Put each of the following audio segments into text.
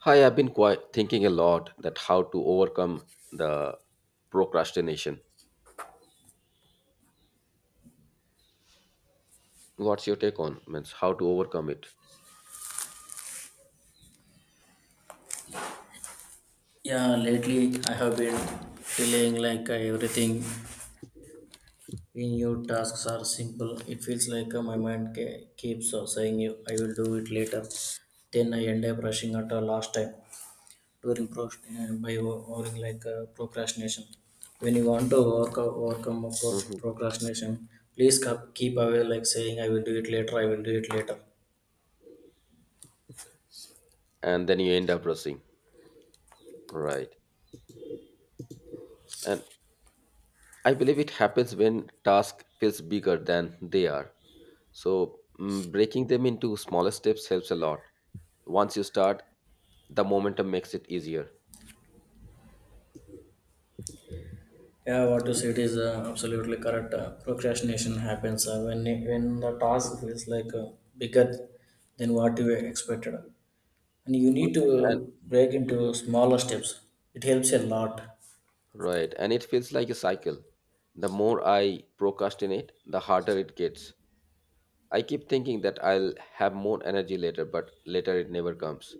Hi, I've been quite thinking a lot that how to overcome the procrastination. What's your take on means how to overcome it? Yeah, lately I have been feeling like everything in new tasks are simple. It feels like my mind keeps saying, "You, I will do it later." Then I end up rushing at the last time during by overing like procrastination. When you want to work overcome a Hmm. procrastination, please keep away like saying, "I will do it later. I will do it later." And then you end up rushing, right? And I believe it happens when task feels bigger than they are. So breaking them into smaller steps helps a lot. Once you start, the momentum makes it easier. Yeah, what you said is absolutely correct. Procrastination happens when the task feels like bigger than what you expected, and you Right. need to And break into smaller steps. It helps a lot. right, and it feels like a cycle. The more I procrastinate, the harder it gets. I keep thinking that I'll have more energy later, but later it never comes.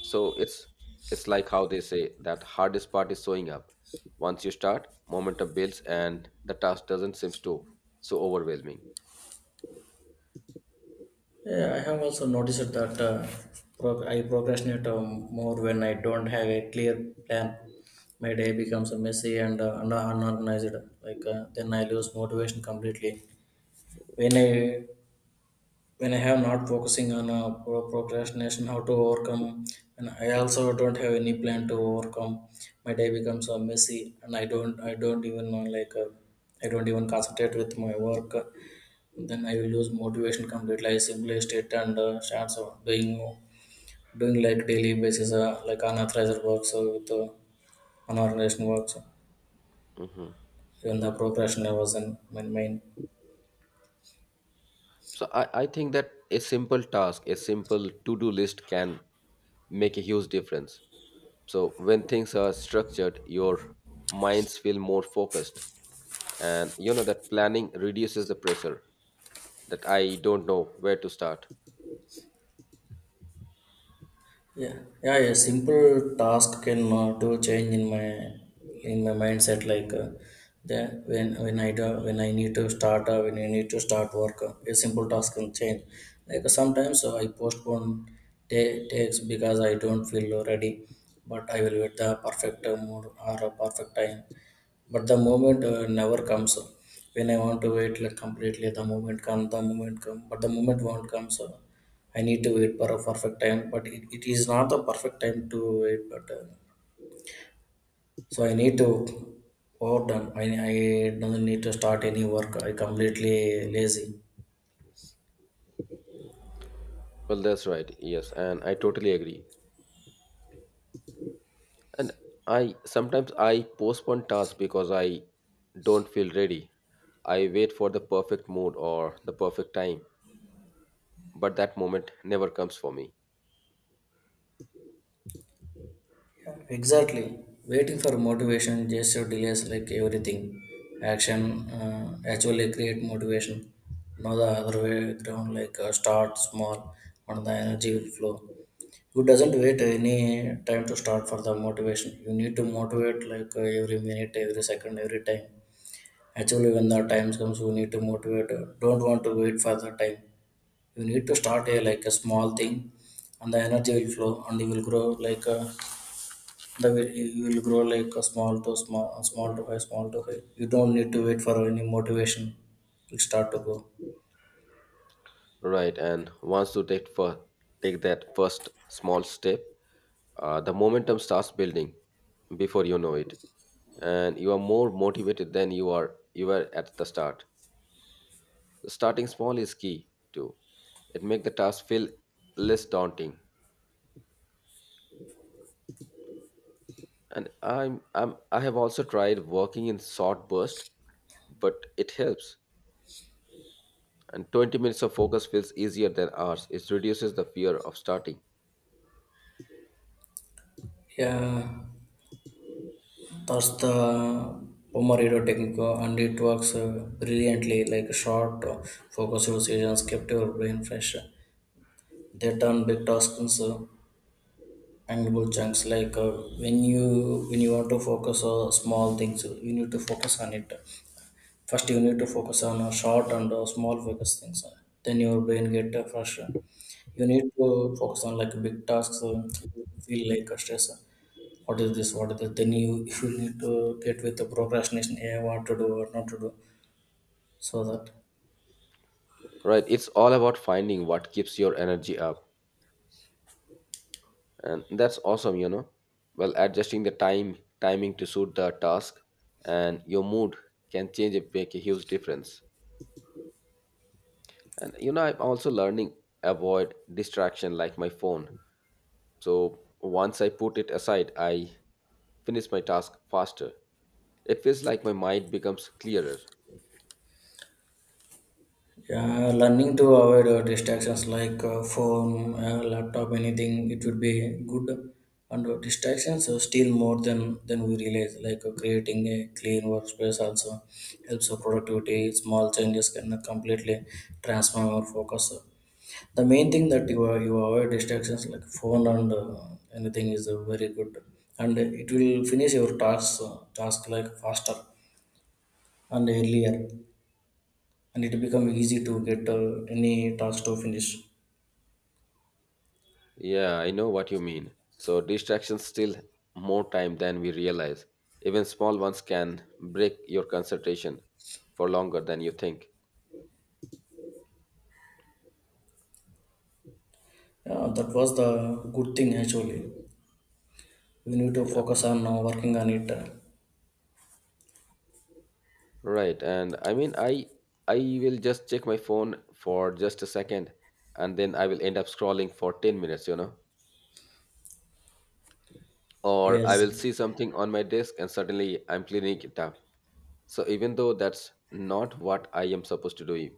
So it's like how they say that hardest part is showing up. Once you start, momentum builds and the task doesn't seem to so overwhelming. Yeah, I have also noticed that I procrastinate more when I don't have a clear plan. My day becomes messy and unorganized. Then I lose motivation completely. When I when I have not focusing on procrastination, how to overcome, and I also don't have any plan to overcome. My day becomes messy, and I don't even know I don't even concentrate with my work. Then I will lose motivation completely. I simply sit and starts doing like daily basis, like unauthorized work, so with unorganized works. Mhm. Even the procrastination was in my mind. So I think that a simple task, a simple to-do list can make a huge difference. So when things are structured, your minds feel more focused. And you know that planning reduces the pressure that I don't know where to start. Yeah, yeah, a simple task can do change in my mindset. Like the When I do, when I need to start when I need to start work, a simple task can change. Sometimes I postpone takes because I don't feel ready, but I will wait the perfect mood or a perfect time. But the moment never comes. When I want to wait like completely, the moment comes. But the moment won't come, so I need to wait for a perfect time. But it is not the perfect time to wait. But so I need to overdone. I don't need to start any work. I completely lazy. Well, that's right. Yes, and I totally agree. And I sometimes I postpone tasks because I don't feel ready. I wait for the perfect mood or the perfect time, but that moment never comes for me. Exactly. Waiting for motivation just delays like everything. Action Actually create motivation. Now the other way around, start small and the energy will flow. You doesn't wait any time to start for the motivation. You need to motivate like every minute, every second, every time. Actually, when the time comes, you need to motivate. Don't want to wait for the time. You need to start a like a small thing, and the energy will flow and you will grow like. A the way you will grow like a small to small, small to high, small to high, you don't need to wait for any motivation. You start to go. Right, and once you take that first small step, the momentum starts building before you know it, and you are more motivated than you were at the start. Starting small is key too. It makes the task feel less daunting. And I'm I have also tried working in short bursts, but it helps. And 20 minutes of focus feels easier than hours. It reduces the fear of starting. Yeah, that's the pomodoro technique, and it works brilliantly like short, focused decisions kept your brain fresh. They turn big tasks into manageable chunks. Like uh, when you when you want to focus on small things, you need to focus on it. First, you need to focus on a short and small focus things. Then your brain get fresh. You need to focus on like big tasks. You feel like a stress. What is this? What is this? Then you you need to get with the procrastination. Yeah, what to do, what not to do, so that. Right, it's all about finding what keeps your energy up. And that's awesome, you know. Well, adjusting the time timing to suit the task and your mood can change it make a huge difference. And you know, I'm also learning avoid distraction like my phone. So once I put it aside, I finish my task faster. It feels like my mind becomes clearer. Yeah, learning to avoid distractions like phone, laptop, anything, it would be good. And distractions are still more than we realize. Creating a clean workspace also helps our productivity. Small changes can completely transform our focus. The main thing that you avoid distractions like phone Mhm. and anything is very good, and it will finish your tasks task like faster and earlier, and it become easy to get any task to finish. Yeah, I know what you mean. So distractions steal more time than we realize. Even small ones can break your concentration for longer than you think. Yeah, that was the good thing actually. We need to Yeah, focus on working on it. right. And I mean, I will just check my phone for just a second, and then I will end up scrolling for ten minutes. Or I Yes. will see something on my desk and suddenly I'm cleaning it up. So even though that's not what I am supposed to do.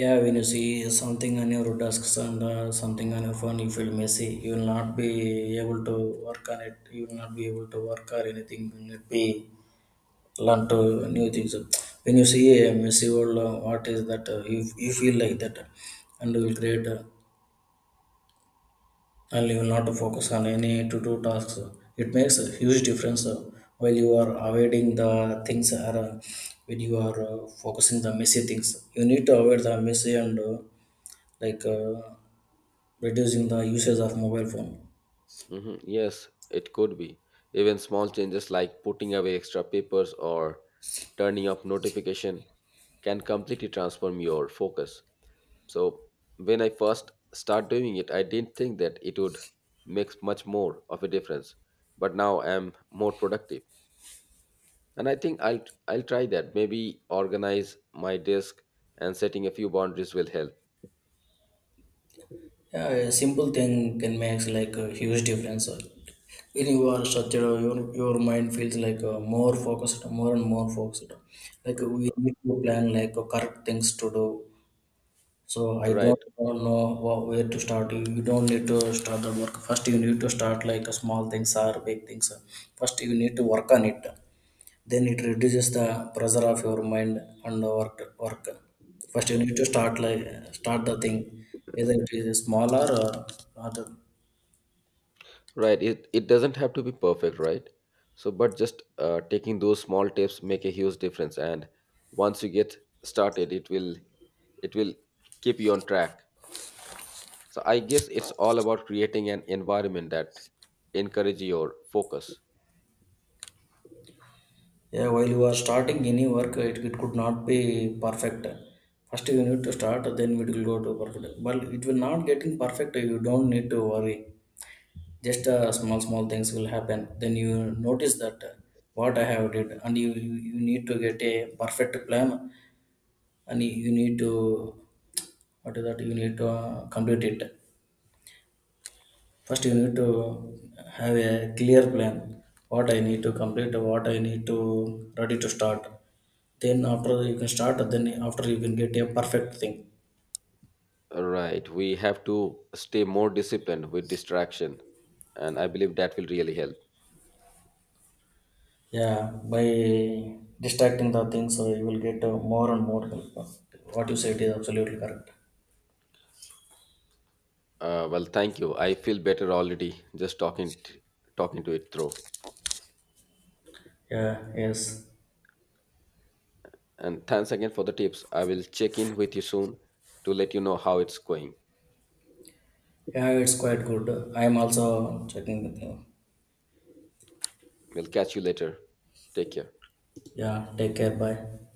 Yeah, when you see something on your desks and something on your phone, you feel messy. You will not be able to work on it. You will not be able to work or anything. You will not be learn to new things. When you see a messy world, what is that? You feel like that, and you will create. And you will not to focus on any to-do tasks. It makes a huge difference while you are avoiding the things, or when you are focusing the messy things. You need to avoid the messy and like uh, reducing the usage of mobile phone. Mhm. Yes, it could be. Even small changes like putting away extra papers or turning off notification can completely transform your focus. So when I first start doing it, I didn't think that it would make much more of a difference. But now I'm more productive. And I think I'll try that. Maybe organize my desk and setting a few boundaries will help. Yeah, a simple thing can make like a huge difference. When you are structured, your mind feels like more focused, more and more focused. We need to plan like correct things to do. So I Right, don't, don't know what, where to start. You don't need to start the work. First, you need to start like a small things or big things. First, you need to work on it. Then it reduces the pressure of your mind and the work. Work. First, you need to start like start the thing, either it is small or other. right. It doesn't have to be perfect, right? So, but just taking those small tips make a huge difference. And once you get started, it will keep you on track. So I guess it's all about creating an environment that encourage your focus. Yeah, while you are starting any work, it could not be perfect. First, you need to start, then it will go to perfect. But it will not getting perfect. You don't need to worry, just small small things will happen, then you notice that what I have did, and you need to get a perfect plan, and you need to, what is that, you need to complete it. First, you need to have a clear plan, what I need to complete, what I need to, ready to start, then after you can start, then after you can get a perfect thing. Right. We have to stay more disciplined with distraction, and I believe that will really help. Yeah, by distracting the things, so you will get more and more help. What you said is absolutely correct. Well, thank you. I feel better already just talking to it through. Yeah, yes. And thanks again for the tips. I will check in with you soon to let you know how it's going. Yeah, it's quite good. I am also checking with you. We'll catch you later. Take care. Yeah, take care. Bye.